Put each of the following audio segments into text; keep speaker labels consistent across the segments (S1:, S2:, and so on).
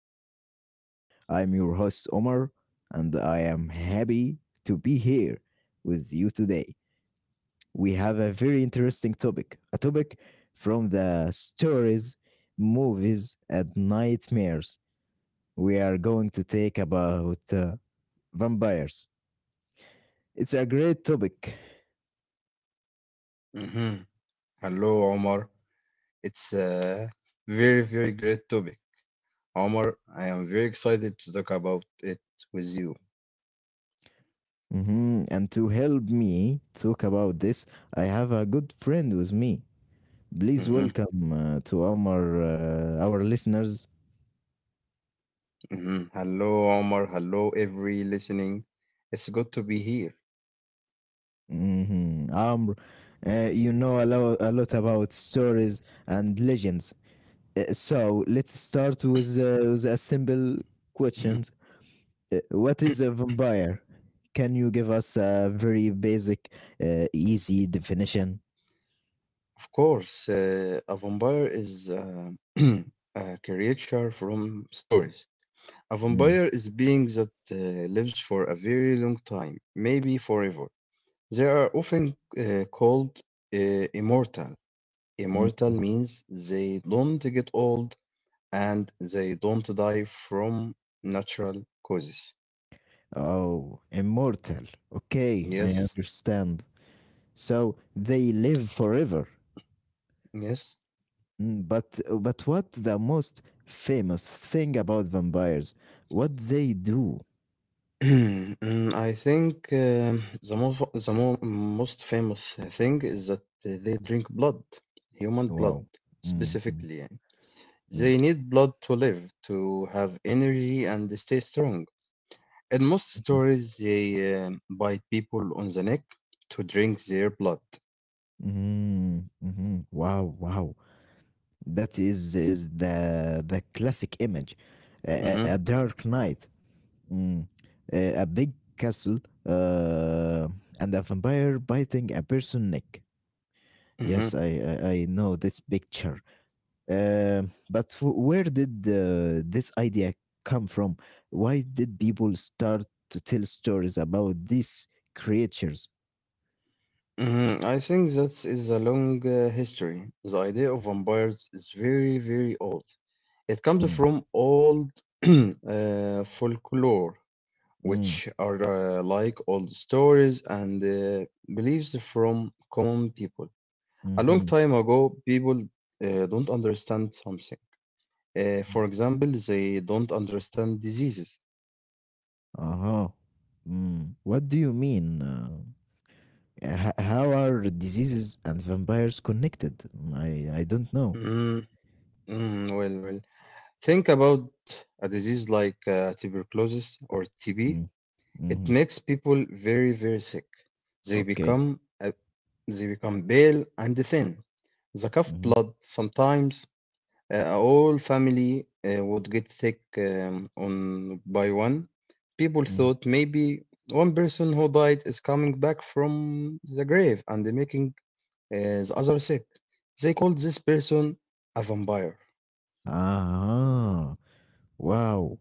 S1: Conversation. I'm your host, Omar, and I am happy to be here with you today. We have a very interesting topic from the stories, movies, and nightmares. We are going to take about vampires. It's a great topic.
S2: Mhm. Hello, Omar. It's a very, very great topic. Omar, I am very excited to talk about it with you.
S1: Mhm, and to help me talk about this, I have a good friend with me. Please
S2: hmm
S1: welcome to our listeners.
S2: Hello, Omar. Hello, every listening. It's good to be here.
S1: Mhm, Amr, you know a, lot about stories and legends. So let's start with a simple
S2: Mhm.
S1: question. What is a vampire? Can you give us a very basic, easy definition?
S2: Of course, a vampire is a creature from stories. A
S1: Mm,
S2: vampire is being that lives for a very long time, maybe forever. They are often called immortal.
S1: mm.
S2: Immortal means they don't get old and they don't die from natural causes.
S1: Oh, immortal. Okay, I
S2: Yes,
S1: understand. So they live forever.
S2: yes.
S1: Mm, but what the most famous thing about vampires? What they do?
S2: I think the most the mo most famous thing is that they drink blood, human blood
S1: Wow. Mm, mm,
S2: specifically. يعني.
S1: mm,
S2: They need blood to live, to have energy and stay strong. In most
S1: mhm,
S2: stories, they bite people on the neck to drink their blood.
S1: mhm, mhm. Wow, wow. That is the classic image. A,
S2: Mhm,
S1: a dark night, mm, a big castle, uh, and a vampire biting a person neck. Yes,
S2: mhm.
S1: I know this picture. But where did this idea come from? Why did people start to tell stories about these creatures?
S2: Mhm, I think that is a long history. The idea of vampires is very, very old. It comes
S1: Mm,
S2: from old folklore, which
S1: mm,
S2: are like old stories and beliefs from common people. A long
S1: mm-hmm.
S2: time ago, people don't understand something. Uh,
S1: Mm,
S2: for example, they don't understand diseases.
S1: uh-huh. Mm. What do you mean? How are diseases and vampires connected? Mm, I don't know.
S2: Mm, well, think about a disease like tuberculosis or TB.
S1: Mm,
S2: It
S1: mm-hmm.
S2: makes people very, very sick. They
S1: Okay.
S2: become uh, they become pale and thin. They cough
S1: Mm-hmm.
S2: blood sometimes. A whole family would get sick on by one. People
S1: Mm.
S2: thought maybe one person who died is coming back from the grave and making uh, the other sick. They called this person a vampire.
S1: Ah. Wow.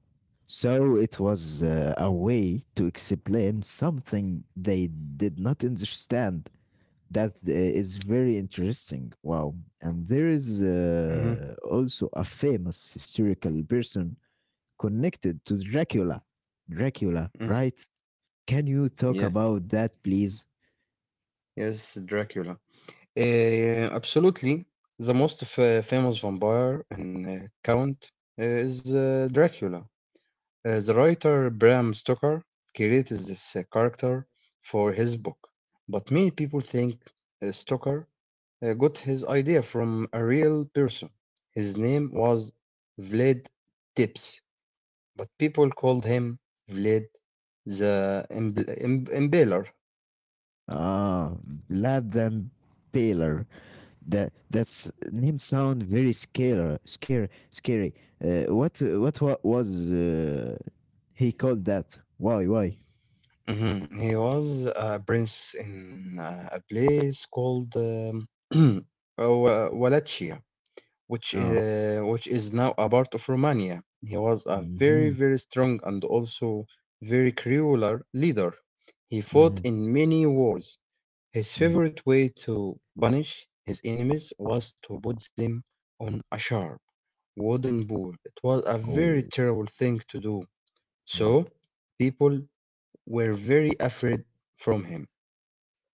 S1: So it was a way to explain something they did not understand. That is very interesting. Wow. And there is
S2: Mhm,
S1: also a famous historical person connected to Dracula. Dracula,
S2: mm.
S1: right? Can you talk
S2: Yeah,
S1: about that, please?
S2: yes, Dracula. Absolutely. The most famous vampire and count is Dracula. The writer Bram Stoker created this character for his book, but many people think Stoker got his idea from a real person. His name was Vlad Tepes, but people called him Vlad the Impaler.
S1: Ah, Vlad the Impaler. That's name sound very scary. What was he called that, why?
S2: Mhm. He was a prince in a place called uh, Wallachia, which uh,
S1: Oh.
S2: which is now a part of Romania. He was a very,
S1: Mm-hmm,
S2: very strong and also very cruel leader. He fought
S1: mm-hmm,
S2: in many wars. His
S1: mm.
S2: favorite way to punish his enemies was to put them on a sharp wooden pole. It was a very
S1: Oh,
S2: terrible thing to do. So
S1: mm.
S2: people were very afraid from him.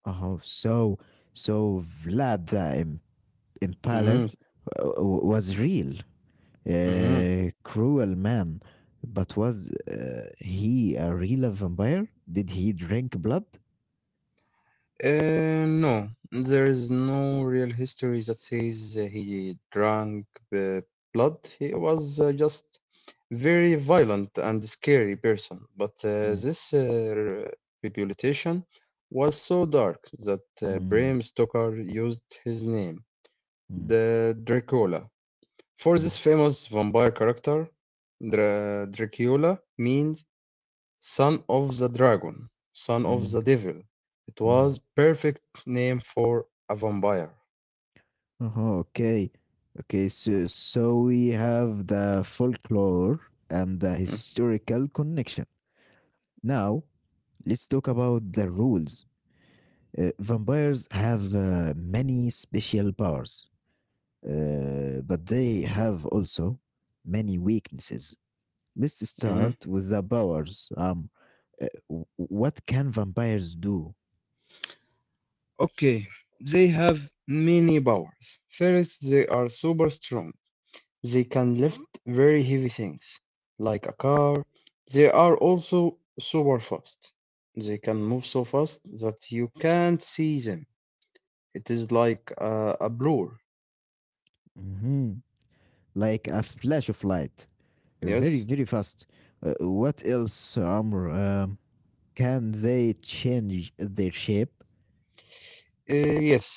S1: Oh, so Vlad the Im-
S2: Mhm,
S1: impaler was real,
S2: mhm.
S1: cruel man, but was he a real vampire? Did he drink blood?
S2: No, there is no real history that says he drank uh, blood. He was just very violent and scary person. But uh,
S1: Mm.
S2: this uh, reputation was so dark that Bram
S1: Mm.
S2: Stoker used his name,
S1: Mm.
S2: the Dracula, for
S1: Mm.
S2: this famous vampire character. Dracula means Son of the Dragon, Son
S1: Mm.
S2: of the
S1: Mm.
S2: Devil. It was
S1: Mm.
S2: perfect name for a vampire.
S1: Uh-huh, okay. Okay, so we have the folklore and the
S2: Mm,
S1: historical connection. Now, let's talk about the rules. Vampires have many special powers, but they have also many weaknesses. Let's
S2: mhm.
S1: start with the powers. What can vampires do?
S2: Okay, they have many powers. First, they are super strong. They can lift very heavy things, like a car. They are also super fast. They can move so fast that you can't see them. It is like a blur.
S1: Mhm. Like a flash of light, very,
S2: Yes.
S1: very fast. What else, Amr? Can they change their shape?
S2: Yes,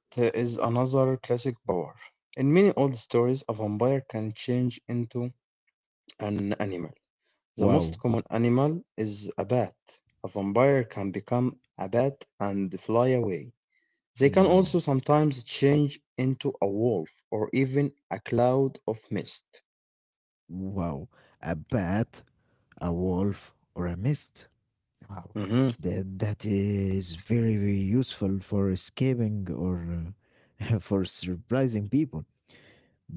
S2: that is another classic power. In many old stories, a vampire can change into an animal. The most
S1: Wow.
S2: common animal is a bat. A vampire can become a bat and fly away. They can
S1: Mm,
S2: also sometimes change into a wolf or even a cloud of mist.
S1: wow. A bat, a wolf, or a mist. Wow.
S2: Mhm.
S1: That is very, very useful for escaping or for surprising people.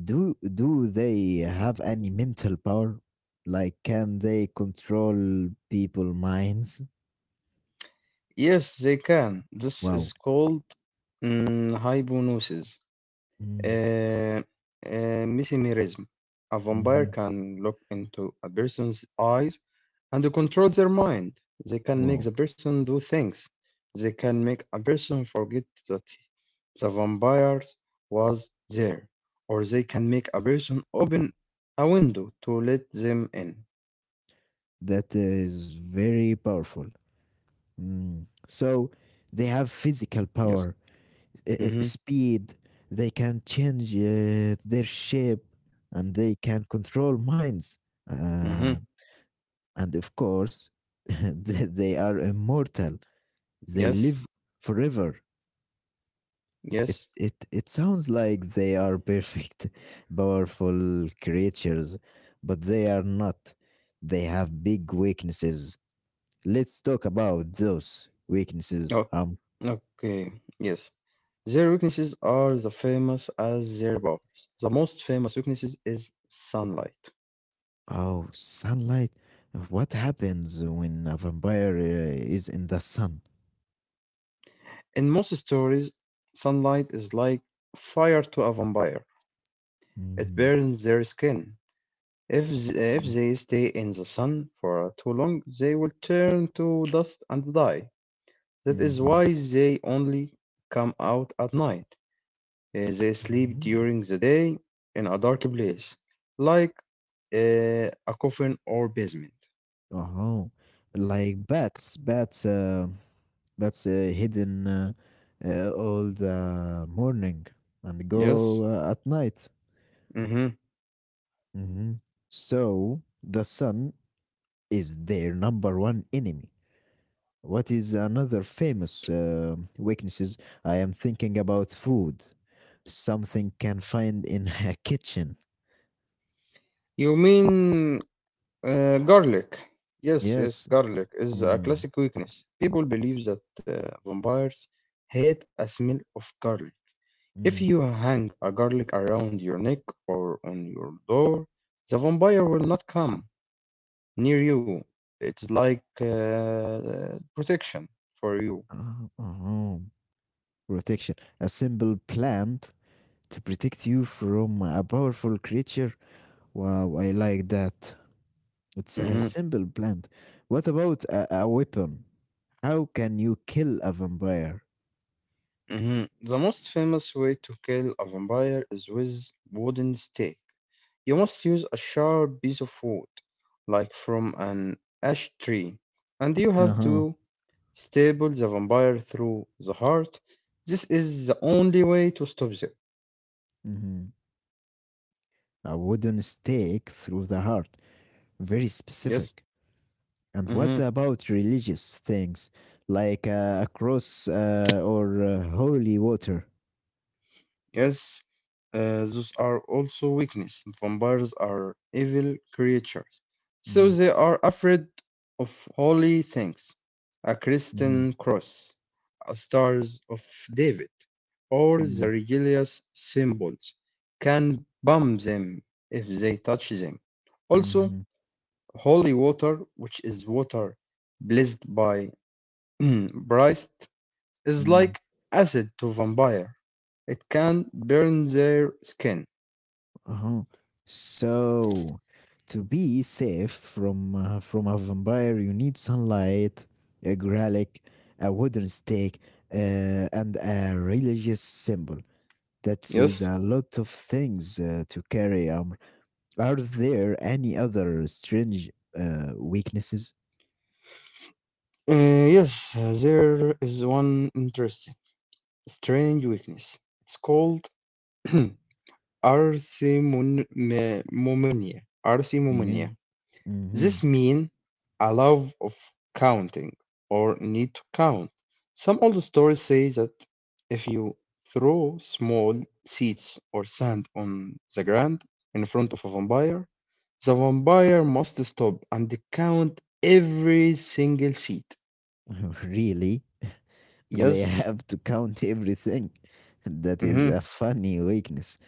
S1: Do they have any mental power? Like, can they control people' minds?
S2: Yes, they can. This
S1: Wow.
S2: is called hypnosis.
S1: Mm,
S2: Uh, mesmerism. A vampire
S1: mhm.
S2: can look into a person's eyes and control their mind. They can make
S1: Wow.
S2: the person do things. They can make a person forget that the vampire was there. Or they can make a person open a window to let them in.
S1: That is very powerful. Mm. So they have physical
S2: Yes.
S1: power,
S2: Mm-hmm.
S1: speed. They can change their shape, and they can control minds.
S2: Mm-hmm.
S1: Uh, and of course, they are immortal. They
S2: Yes.
S1: live forever. It
S2: Yes.
S1: it it sounds like they are perfect, powerful creatures, but they are not. They have big weaknesses. Let's talk about those weaknesses.
S2: Okay. Okay. Yes. Their weaknesses are the famous as their powers. The most famous weakness is sunlight.
S1: Oh, sunlight. What happens when a vampire is in the sun?
S2: In most stories, sunlight is like fire to a vampire. It
S1: Mm,
S2: burns their skin. If if
S1: mm,
S2: they stay in the sun for too long, they will turn to dust and die. That is
S1: mhm,
S2: why they only come out at night. They sleep
S1: mhm.
S2: during the day in a dark place, like a coffin or basement.
S1: Oh, like bats hidden all the morning and go
S2: Yes.
S1: at night.
S2: Hmm.
S1: Mhm. So the sun is their number one enemy. What is another famous weaknesses? I am thinking about food. Something can find in a kitchen.
S2: You mean garlic? Yes, yes,
S1: Yes.
S2: garlic is a
S1: Mm,
S2: classic weakness. People believe that vampires hate a smell of garlic.
S1: mm.
S2: If you hang a garlic around your neck or on your door, the vampire will not come near you. It's like protection for you.
S1: Uh, uh uh. Protection. A simple plant to protect you from a powerful creature. Wow, I like that. It's a
S2: Mhm,
S1: simple plant. What about a weapon? How can you kill a vampire?
S2: mhm. The most famous way to kill a vampire is with wooden stake. You must use a sharp piece of wood, like from an ash tree, and you
S1: Uh
S2: have
S1: huh.
S2: to staple the vampire through the heart. This is the only way to stop them.
S1: Hmm. A wooden stake through the heart. Very
S2: Yes.
S1: specific. And what
S2: Mhm.
S1: about religious things like a cross or holy water?
S2: Yes, uh, those are also weakness. Vampires are evil creatures, so
S1: Mm,
S2: they are afraid of holy things, a
S1: mm,
S2: Christian cross, a stars of David, or the
S1: mm,
S2: religious symbols can bomb them if they touch them. Also,
S1: mhm,
S2: holy water, which is water blessed by Christ, is
S1: mm,
S2: like acid to vampire. It can burn their skin.
S1: uh-huh. So, to be safe from from a vampire, you need sunlight, a garlic, a wooden stake, and a religious symbol. That is
S2: Yes.
S1: a lot of things to carry. Are there any other strange weaknesses?
S2: Uh, yes, there is one interesting, strange weakness. It's called arthemomania.
S1: Yeah.
S2: Arthemomania. This
S1: Mhm.
S2: means a love of counting or need to count. Some old stories say that if you throw small seeds or sand on the ground in front of a vampire, the vampire must stop and count every single seed.
S1: Really? They
S2: Yes.
S1: have to count everything. That is
S2: Hmm.
S1: a funny weakness.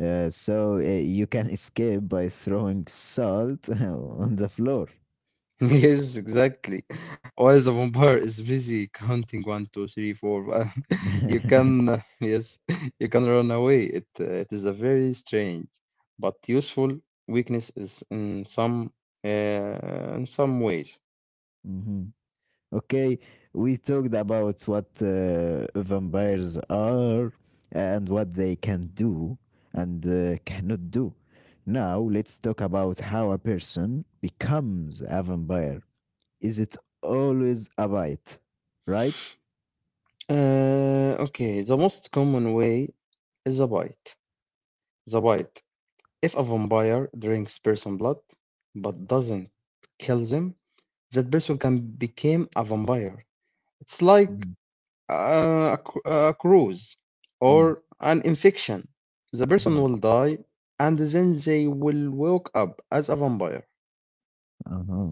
S1: So you can escape by throwing salt on the floor.
S2: Yes, exactly. While the vampire is busy counting one, two, three, four, five, you can, yes, you can run away. It is a very strange but useful weakness is in some ways.
S1: Mhm. Okay, we talked about what vampires are and what they can do and cannot do. Now let's talk about how a person becomes a vampire. Is it always about, right?
S2: Okay, the most common way is a bite. The bite. If a vampire drinks person blood but doesn't kill them, that person can become a vampire. It's like
S1: Mm,
S2: a cruise
S1: mm,
S2: or an infection. The
S1: mhm.
S2: person will die and then they will wake up as a vampire.
S1: Uh-huh.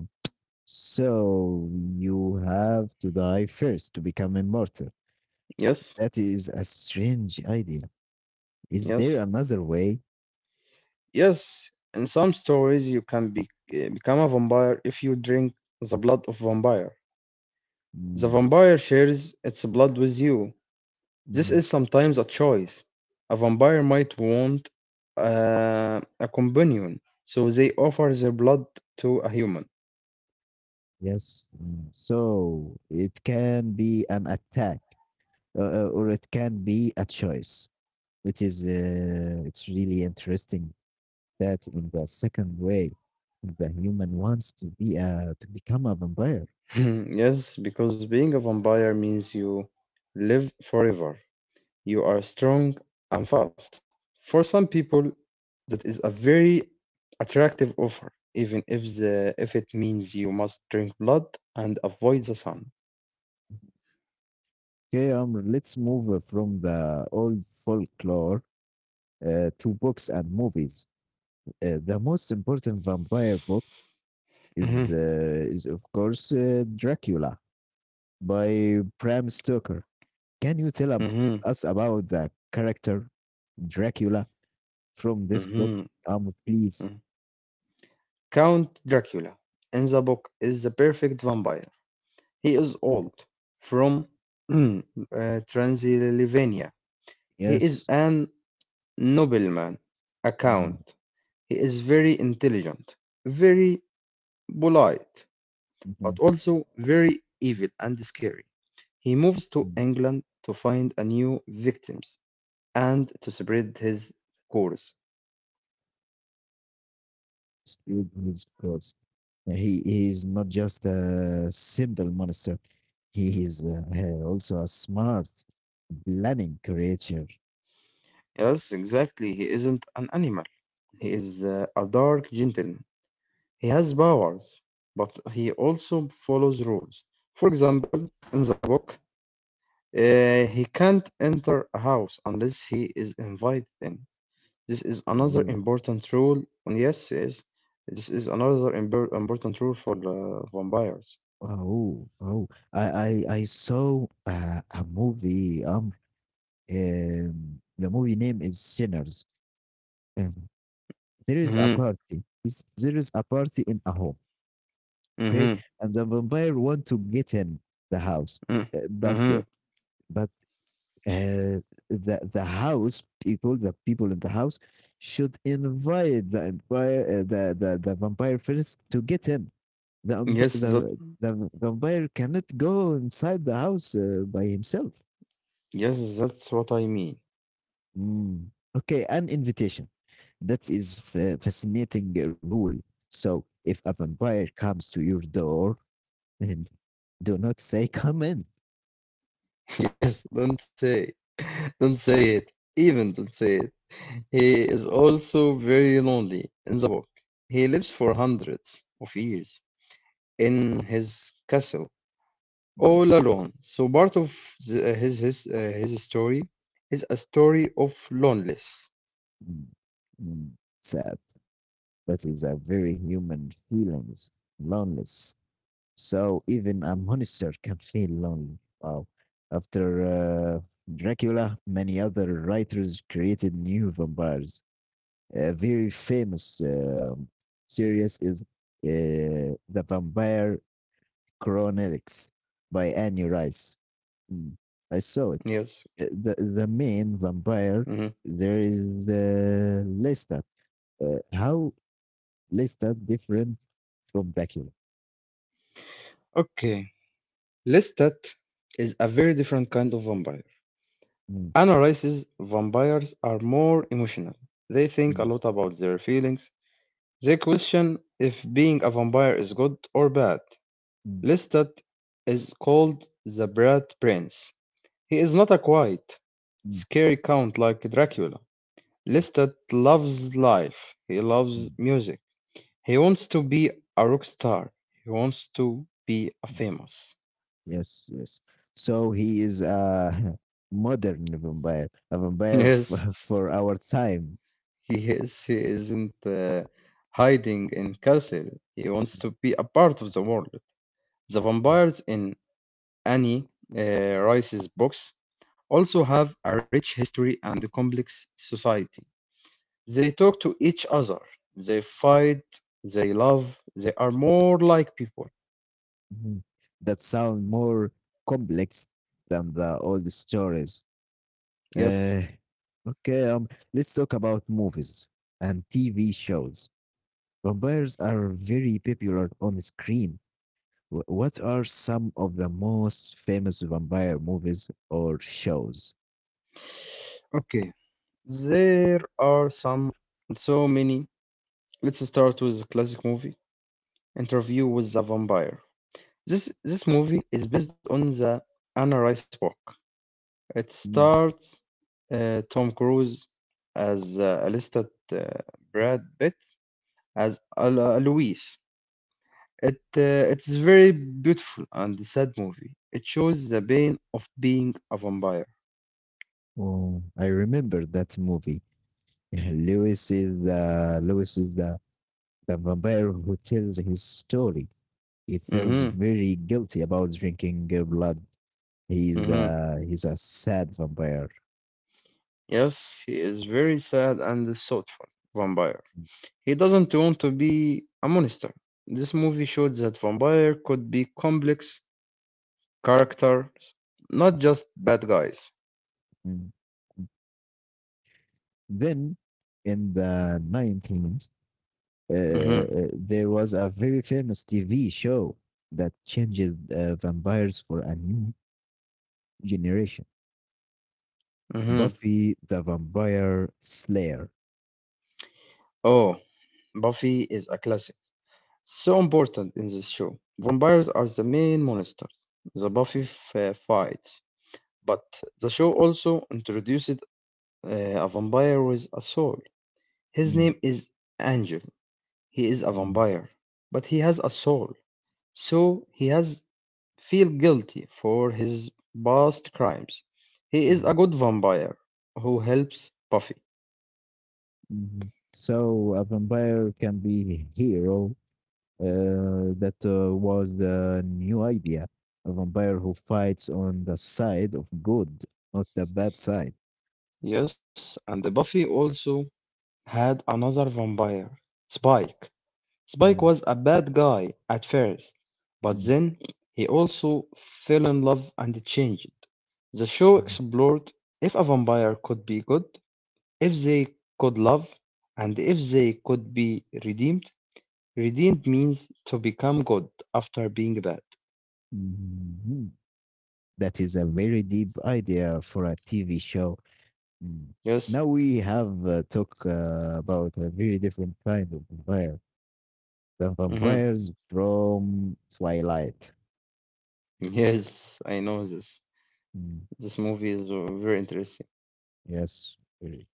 S1: So you have to die first to become immortal.
S2: Yes,
S1: That is a strange idea. Is
S2: yes,
S1: there another way?
S2: yes. In some stories, you can become a vampire if you drink the blood of vampire. The
S1: Mm,
S2: vampire shares its blood with you. This
S1: mhm.
S2: is sometimes a choice. A vampire might want a companion, so they offer their blood to a human.
S1: Yes. Mm. So it can be an attack, or it can be a choice. It is. It's really interesting that in the second way the human wants to become a vampire.
S2: Yes, because being a vampire means you live forever. You are strong and fast. For some people, that is a very attractive offer, even if it means you must drink blood and avoid the sun.
S1: Okay, Amr, let's move from the old folklore to books and movies. The most important vampire book is,
S2: Mhm,
S1: uh, is of course, Dracula by Bram Stoker. Can you tell
S2: mhm,
S1: us about the character Dracula from this book,
S2: mhm,
S1: Amr, please?
S2: mhm. Count Dracula in the book is the perfect vampire. He is old, from Transylvania. He is
S1: Yes.
S2: an nobleman, a
S1: Mm,
S2: count. He is very intelligent, very polite, but
S1: mhm.
S2: also very evil and scary. He moves to
S1: Mm.
S2: England to find a new victim and to spread his course.
S1: Scrooge is close. He is not just a simple monster. He is also a smart, planning creature.
S2: Yes, exactly. He isn't an animal. He is a dark gentleman. He has powers, but he also follows rules. For example, in the book, he can't enter a house unless he is invited in. This is another
S1: Oh,
S2: important rule. And yes, yes, this is another important rule for vampires.
S1: oh, oh. I saw a movie. The movie name is Sinners. Um, there is a
S2: Mm-hmm,
S1: party. There is a party in a home. Okay,
S2: mm-hmm,
S1: and the vampire want to get in the house,
S2: mm-hmm.
S1: uh, but uh,
S2: Mm-hmm.
S1: but uh, the people in the house, should invite the empire, the vampire first to get in. The ump-
S2: Yes,
S1: the vampire cannot go inside the house by himself.
S2: that's what I mean.
S1: Mm. Okay, an invitation. That is fascinating rule. So if a vampire comes to your door, and do not say come in.
S2: Yes, don't say it. Don't say it. Even don't say it. He is also very lonely in the book. He lives for hundreds of years in his castle,
S1: Mm.
S2: all alone. So part of the, his story is a story of loneliness.
S1: Mm. Mm. Sad. That is a very human feelings, loneliness. So even a monster can feel lonely. Wow. After uh, Dracula, many other writers created new vampires. A very famous series is The Vampire Chronicles by Annie Rice. Mm, I saw it.
S2: Yes.
S1: Uh, The, the main vampire,
S2: Mhm.
S1: there is Lestat. How Let's start different from Bakula.
S2: Okay. Lestat is a very different kind of vampire.
S1: Mm.
S2: Anna Rice's vampires are more emotional. They think a
S1: Mm.
S2: lot about their feelings. The question if being a vampire is good or bad.
S1: Mm.
S2: Lestat is called the Brat Prince. He is not a quiet,
S1: Mm.
S2: scary count like Dracula. Lestat loves life. He loves
S1: Mm.
S2: music. He wants to be a rock star. He wants to be a
S1: Mm.
S2: famous.
S1: Yes, yes. So he is a modern vampire, a vampire
S2: Yes,
S1: for our time.
S2: he is. He isn't hiding in castle. He wants to be a part of the world. The vampires in Annie Rice's books also have a rich history and a complex society. They talk to each other, they fight, they love, they are more like people.
S1: Mhm. That sound more complex than the old stories.
S2: Yes.
S1: Uh, okay, let's talk about movies and TV shows. Vampires are very popular on screen. What are some of the most famous vampire movies or shows?
S2: Okay. There are some so many. Let's start with the classic movie Interview with the Vampire. This movie is based on the Anna Rice book. It
S1: Mm.
S2: stars Tom Cruise as Alistair uh, Brad Pitt as Louis. It's very beautiful and sad movie. It shows the pain of being a vampire.
S1: Oh, I remember that movie. Lewis is the vampire who tells his story. He feels
S2: Mm-hmm.
S1: very guilty about drinking blood. He's
S2: Mm-hmm.
S1: a he's a sad vampire.
S2: Yes, he is very sad and thoughtful vampire.
S1: Mm.
S2: He doesn't want to be a monster. This movie showed that vampire could be complex characters, not just bad guys.
S1: Mm. Then in the 19th,
S2: Mm-hmm.
S1: there was a very famous TV show that changed vampires for a new generation.
S2: Mm-hmm.
S1: Buffy the Vampire Slayer.
S2: Oh, Buffy is a classic. So important in this show. Vampires are the main monsters. The Buffy fights. But the show also introduced uh, a vampire with a soul. His
S1: Mm,
S2: name is Angel. He is a
S1: mm,
S2: vampire, but he has a soul. So he has feel guilty for his past crimes. He
S1: mm,
S2: is a good vampire who helps Buffy.
S1: mhm. So a vampire can be a hero. That was the new idea. A vampire who fights on the side of good, not the bad side.
S2: Yes, and Buffy also had another vampire, Spike. Spike
S1: Mm,
S2: was a bad guy at first, but
S1: mm,
S2: then he also fell in love and changed. The show explored if a vampire could be good, if they could love, and if they could be redeemed. Redeemed means to become good after being bad.
S1: mhm, mhm. That is a very deep idea for a TV show. Mm.
S2: Yes.
S1: Now we have talked about a very different kind of vampire, the
S2: hmm
S1: vampires from Twilight.
S2: Yes, I know this.
S1: Mm.
S2: This movie is very interesting.
S1: Yes, very.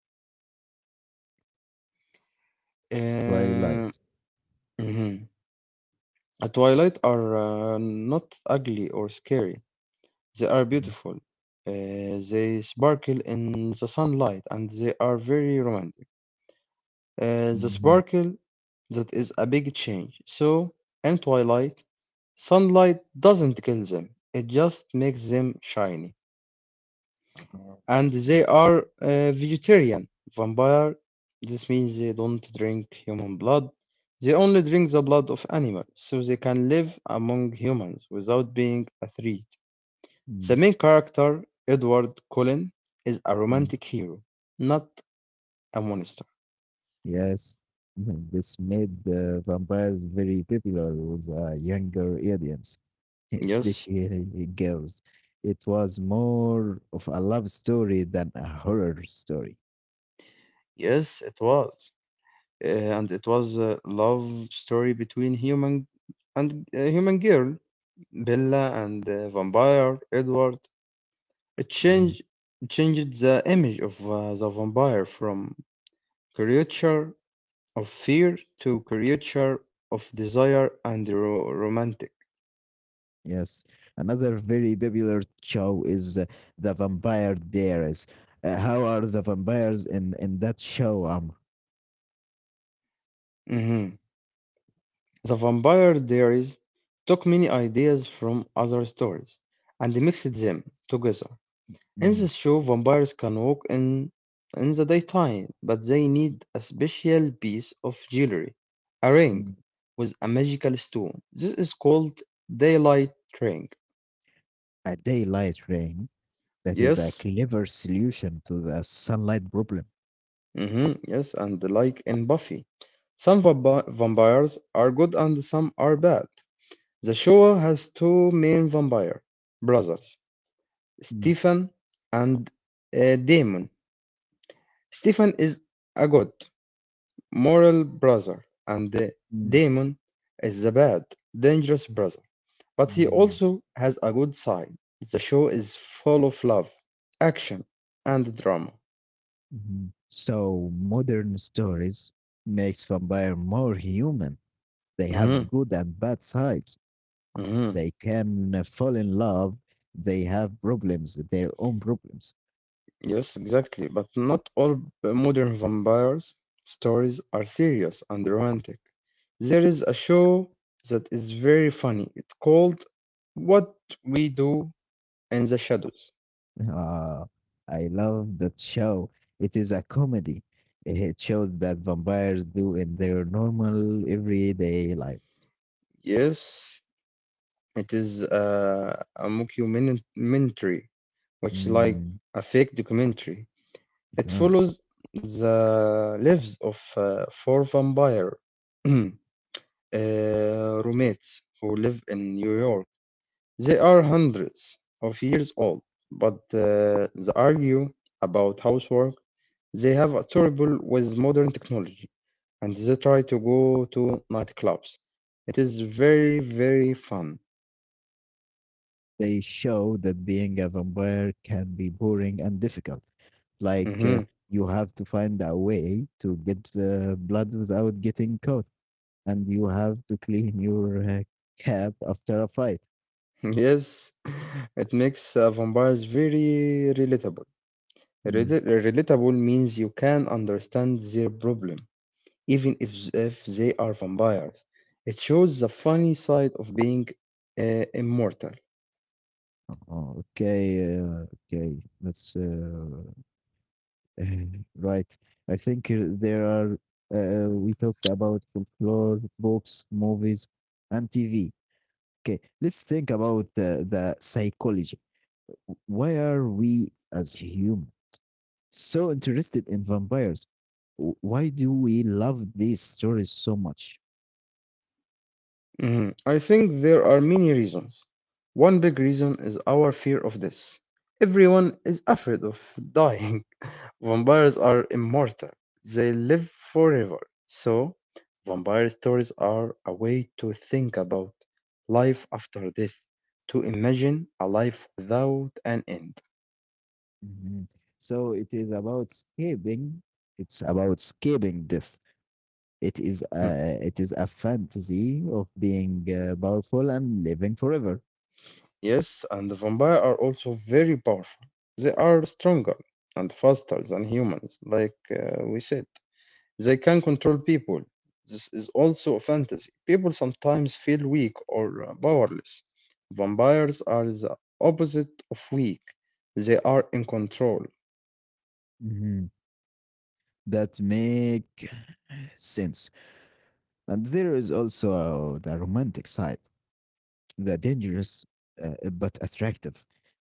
S2: Uh,
S1: Twilight.
S2: mhm. A Twilight are not ugly or scary. They are beautiful. They sparkle in the sunlight and they are very romantic. The
S1: Mm-hmm.
S2: sparkle that is a big change. So in twilight, sunlight doesn't kill them. It just makes them shiny.
S1: Uh-huh.
S2: And
S1: Uh-huh.
S2: they are vegetarian vampire. This means they don't drink human blood. They only drink the blood of animals, so they can live among humans without being a threat. The
S1: Mm.
S2: main character, Edward Cullen, is a
S1: Mm.
S2: romantic hero, not a monster.
S1: Yes. Mhm. This made the vampires very popular with a younger audience,
S2: Yes,
S1: especially girls. It was more of a love story than a horror story.
S2: yes, it was. Uh, and it was a love story between human and a human girl, Bella, and vampire Edward. It
S1: Mm.
S2: changed the image of the vampire from creature of fear to creature of desire and romantic.
S1: Yes, another very popular show is The Vampire Diaries. How are the vampires in that show?
S2: Mm-hmm. "The Vampire Diaries" took many ideas from other stories and mixed them together. In this
S1: Mm,
S2: show, vampires can walk in the daytime, but they need a special piece of jewelry, a ring
S1: mm,
S2: with a magical stone. This is called daylight ring.
S1: a daylight ring, that is a
S2: Yes,
S1: clever solution to the sunlight problem.
S2: yes, and like in Buffy, some vampires are good and some are bad. The show has two main vampire brothers,
S1: Mm,
S2: Stephen and Damon. Stephen is a good, moral brother, and
S1: mm,
S2: Damon is a bad, dangerous brother. But he
S1: mhm,
S2: also has a good side. The show is full of love, action, and drama.
S1: mhm. So modern stories makes vampire more human. They
S2: hmm
S1: have good and bad sides.
S2: hmm
S1: They can fall in love. They have problems, their own problems.
S2: Yes, exactly. But not all modern vampires stories are serious and romantic. There is a show that is very funny. It's called What We Do in the Shadows.
S1: Ah, I love that show. It is a comedy. It shows that vampires do in their normal everyday life.
S2: Yes, it is a mockumentary, which like
S1: Mm,
S2: a fake documentary. It
S1: huh.
S2: follows the lives of four vampire uh, roommates who live in New York. They are hundreds of years old, but they argue about housework. They have a trouble with modern technology, and they try to go to nightclubs. It is very, very fun.
S1: They show that being a vampire can be boring and difficult. Like
S2: Mhm.
S1: you have to find a way to get blood without getting caught, and you have to clean your cap after a fight.
S2: Yes, it makes vampires very relatable.
S1: Mm.
S2: Relatable means you can understand their problem, even if they are vampires. It shows the funny side of being immortal.
S1: Oh, okay, okay. That's right. I think we talked about folklore, books, movies, and TV. Okay, let's think about the psychology. Why are we as humans so interested in vampires? Why do we love these stories so much?
S2: Mhm. I think there are many reasons. One big reason is our fear of death. Everyone is afraid of dying. Vampires are immortal, they live forever, so vampire stories are a way to think about life after death, to imagine a life without an end.
S1: Mhm. So it is about escaping. It's about escaping death. It is
S2: Hmm.
S1: a, it is a fantasy of being powerful and living forever.
S2: Yes, and the vampire are also very powerful. They are stronger and faster than humans, like we said. They can control people. This is also a fantasy. People sometimes feel weak or powerless. Vampires are the opposite of weak. They are in control.
S1: Mhm. That make sense. And there is also the romantic side, the dangerous but attractive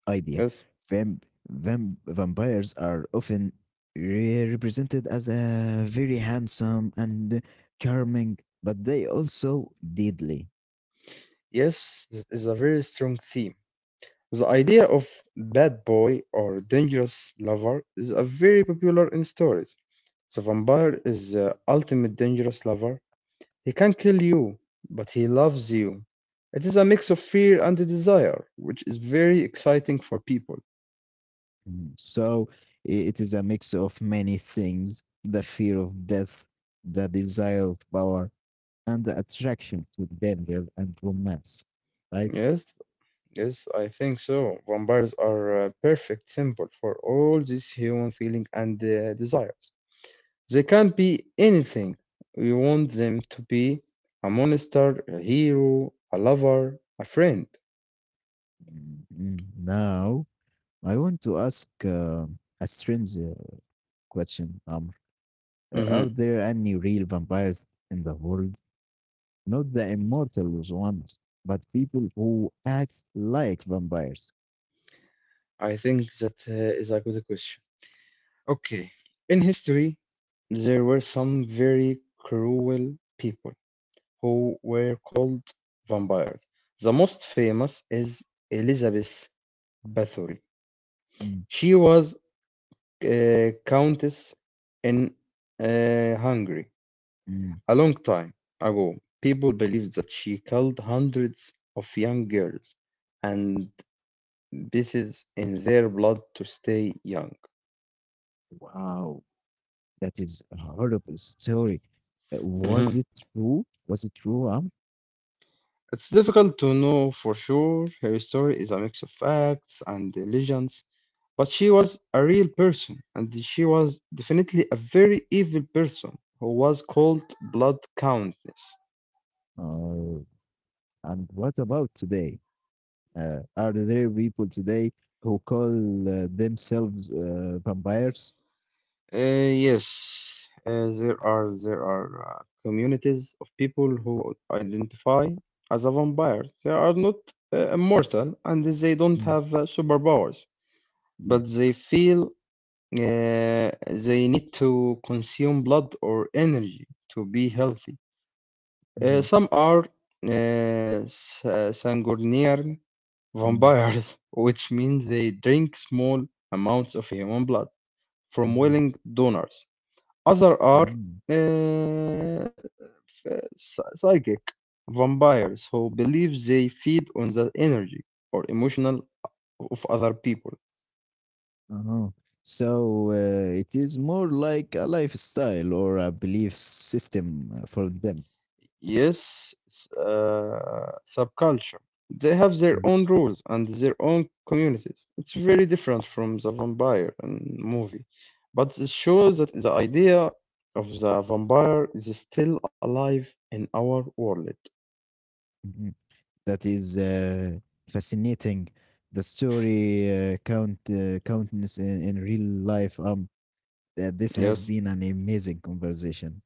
S1: idea.
S2: Yes.
S1: Vampires are often represented as a very handsome and charming, but they also deadly.
S2: Yes, that is a very strong theme. The idea of bad boy or dangerous lover is a very popular in stories. The vampire is the ultimate dangerous lover. He can kill you, but he loves you. It is a mix of fear and desire, which is very exciting for people.
S1: Mm. So it is a mix of many things: the fear of death, the desire of power, and the attraction to danger and romance, right?
S2: Yes. Yes, I think so. Vampires are a perfect symbol for all these human feeling and desires. They can be anything we want them to be: a monster, a hero, a lover, a friend.
S1: Mm, now, I want to ask a strange question. Are
S2: Mhm.
S1: there any real vampires in the world? Not the immortal ones, but people who act like vampires.
S2: I think that is a good question. Okay, in history, there were some very cruel people who were called vampires. The most famous is Elizabeth Bathory.
S1: Mm,
S2: She was countess in Hungary.
S1: mm.
S2: A long time ago, people believed that she killed hundreds of young girls and bathed in their blood to stay young.
S1: Wow, that is a horrible story. Was
S2: Mhm.
S1: it true? Was it true?
S2: It's difficult to know for sure. Her story is a mix of facts and legends, but she was a real person, and she was definitely a very evil person who was called Blood Countess.
S1: Oh, and what about today? Are there people today who call themselves vampires?
S2: Uh, yes, there are communities of people who identify as a vampire. They are not immortal and they don't
S1: Mm,
S2: have superpowers,
S1: mm,
S2: but they feel uh, they need to consume blood or energy to be healthy.
S1: mhm,
S2: Some are sanguinary
S1: mm,
S2: vampires, which means they drink small amounts of human blood from
S1: mhm,
S2: willing donors. Other are
S1: mm.
S2: uh, psychic vampires who believe they feed on the energy or emotional of other people.
S1: Uh-huh. So it is more like a lifestyle or a belief system for them.
S2: Yes, subculture. They have their
S1: Mm,
S2: own rules and their own communities. It's very different from the vampire and movie, but it shows that the idea of the vampire is still alive in our world.
S1: mhm. That is fascinating. The story countness in real life. This has
S2: Yes,
S1: been an amazing conversation.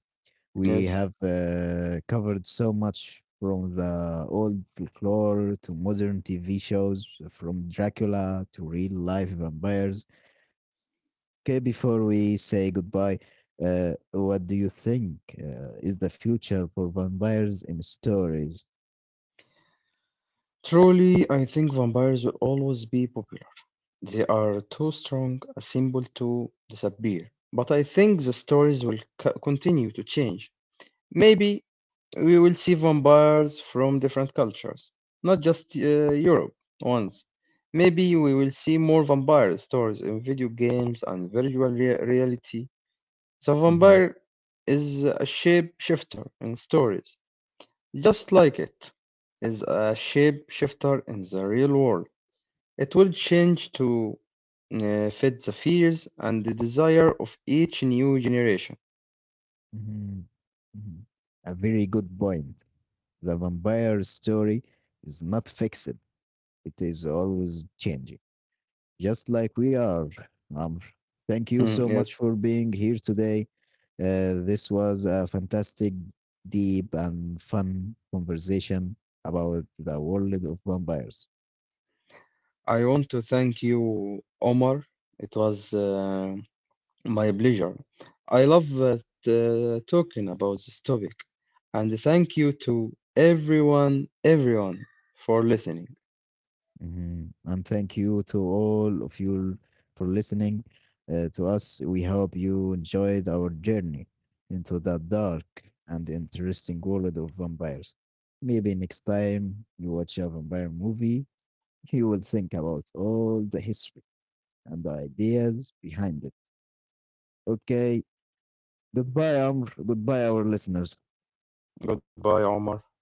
S1: We
S2: yes.
S1: have covered so much from the old folklore to modern TV shows, from Dracula to real life vampires. Okay, before we say goodbye, what do you think is the future for vampires in stories?
S2: Truly, I think vampires will always be popular. They are too strong a symbol to disappear. But I think the stories will continue to change. Maybe we will see vampires from different cultures, not just Europe ones. Maybe we will see more vampire stories in video games and virtual reality. The
S1: hmm
S2: vampire is a shapeshifter in stories, just like it is a shapeshifter in the real world. It will change to fit the fears and the desire of each new generation.
S1: hmm hmm A very good point. The vampire story is not fixed, it is always changing. Just like we are, Amr. Thank you so
S2: Hmm,
S1: much
S2: yes.
S1: for being here today. This was a fantastic, deep, and fun conversation about the world of vampires.
S2: I want to thank you, Omar. It was my pleasure. I love that, talking about this topic. And thank you to everyone, everyone for listening.
S1: Mhm. And thank you to all of you for listening to us. We hope you enjoyed our journey into the dark and interesting world of vampires. Maybe next time you watch a vampire movie, you will think about all the history and the ideas behind it. Okay. Goodbye, Amr. Goodbye, our listeners.
S2: Goodbye, Omar.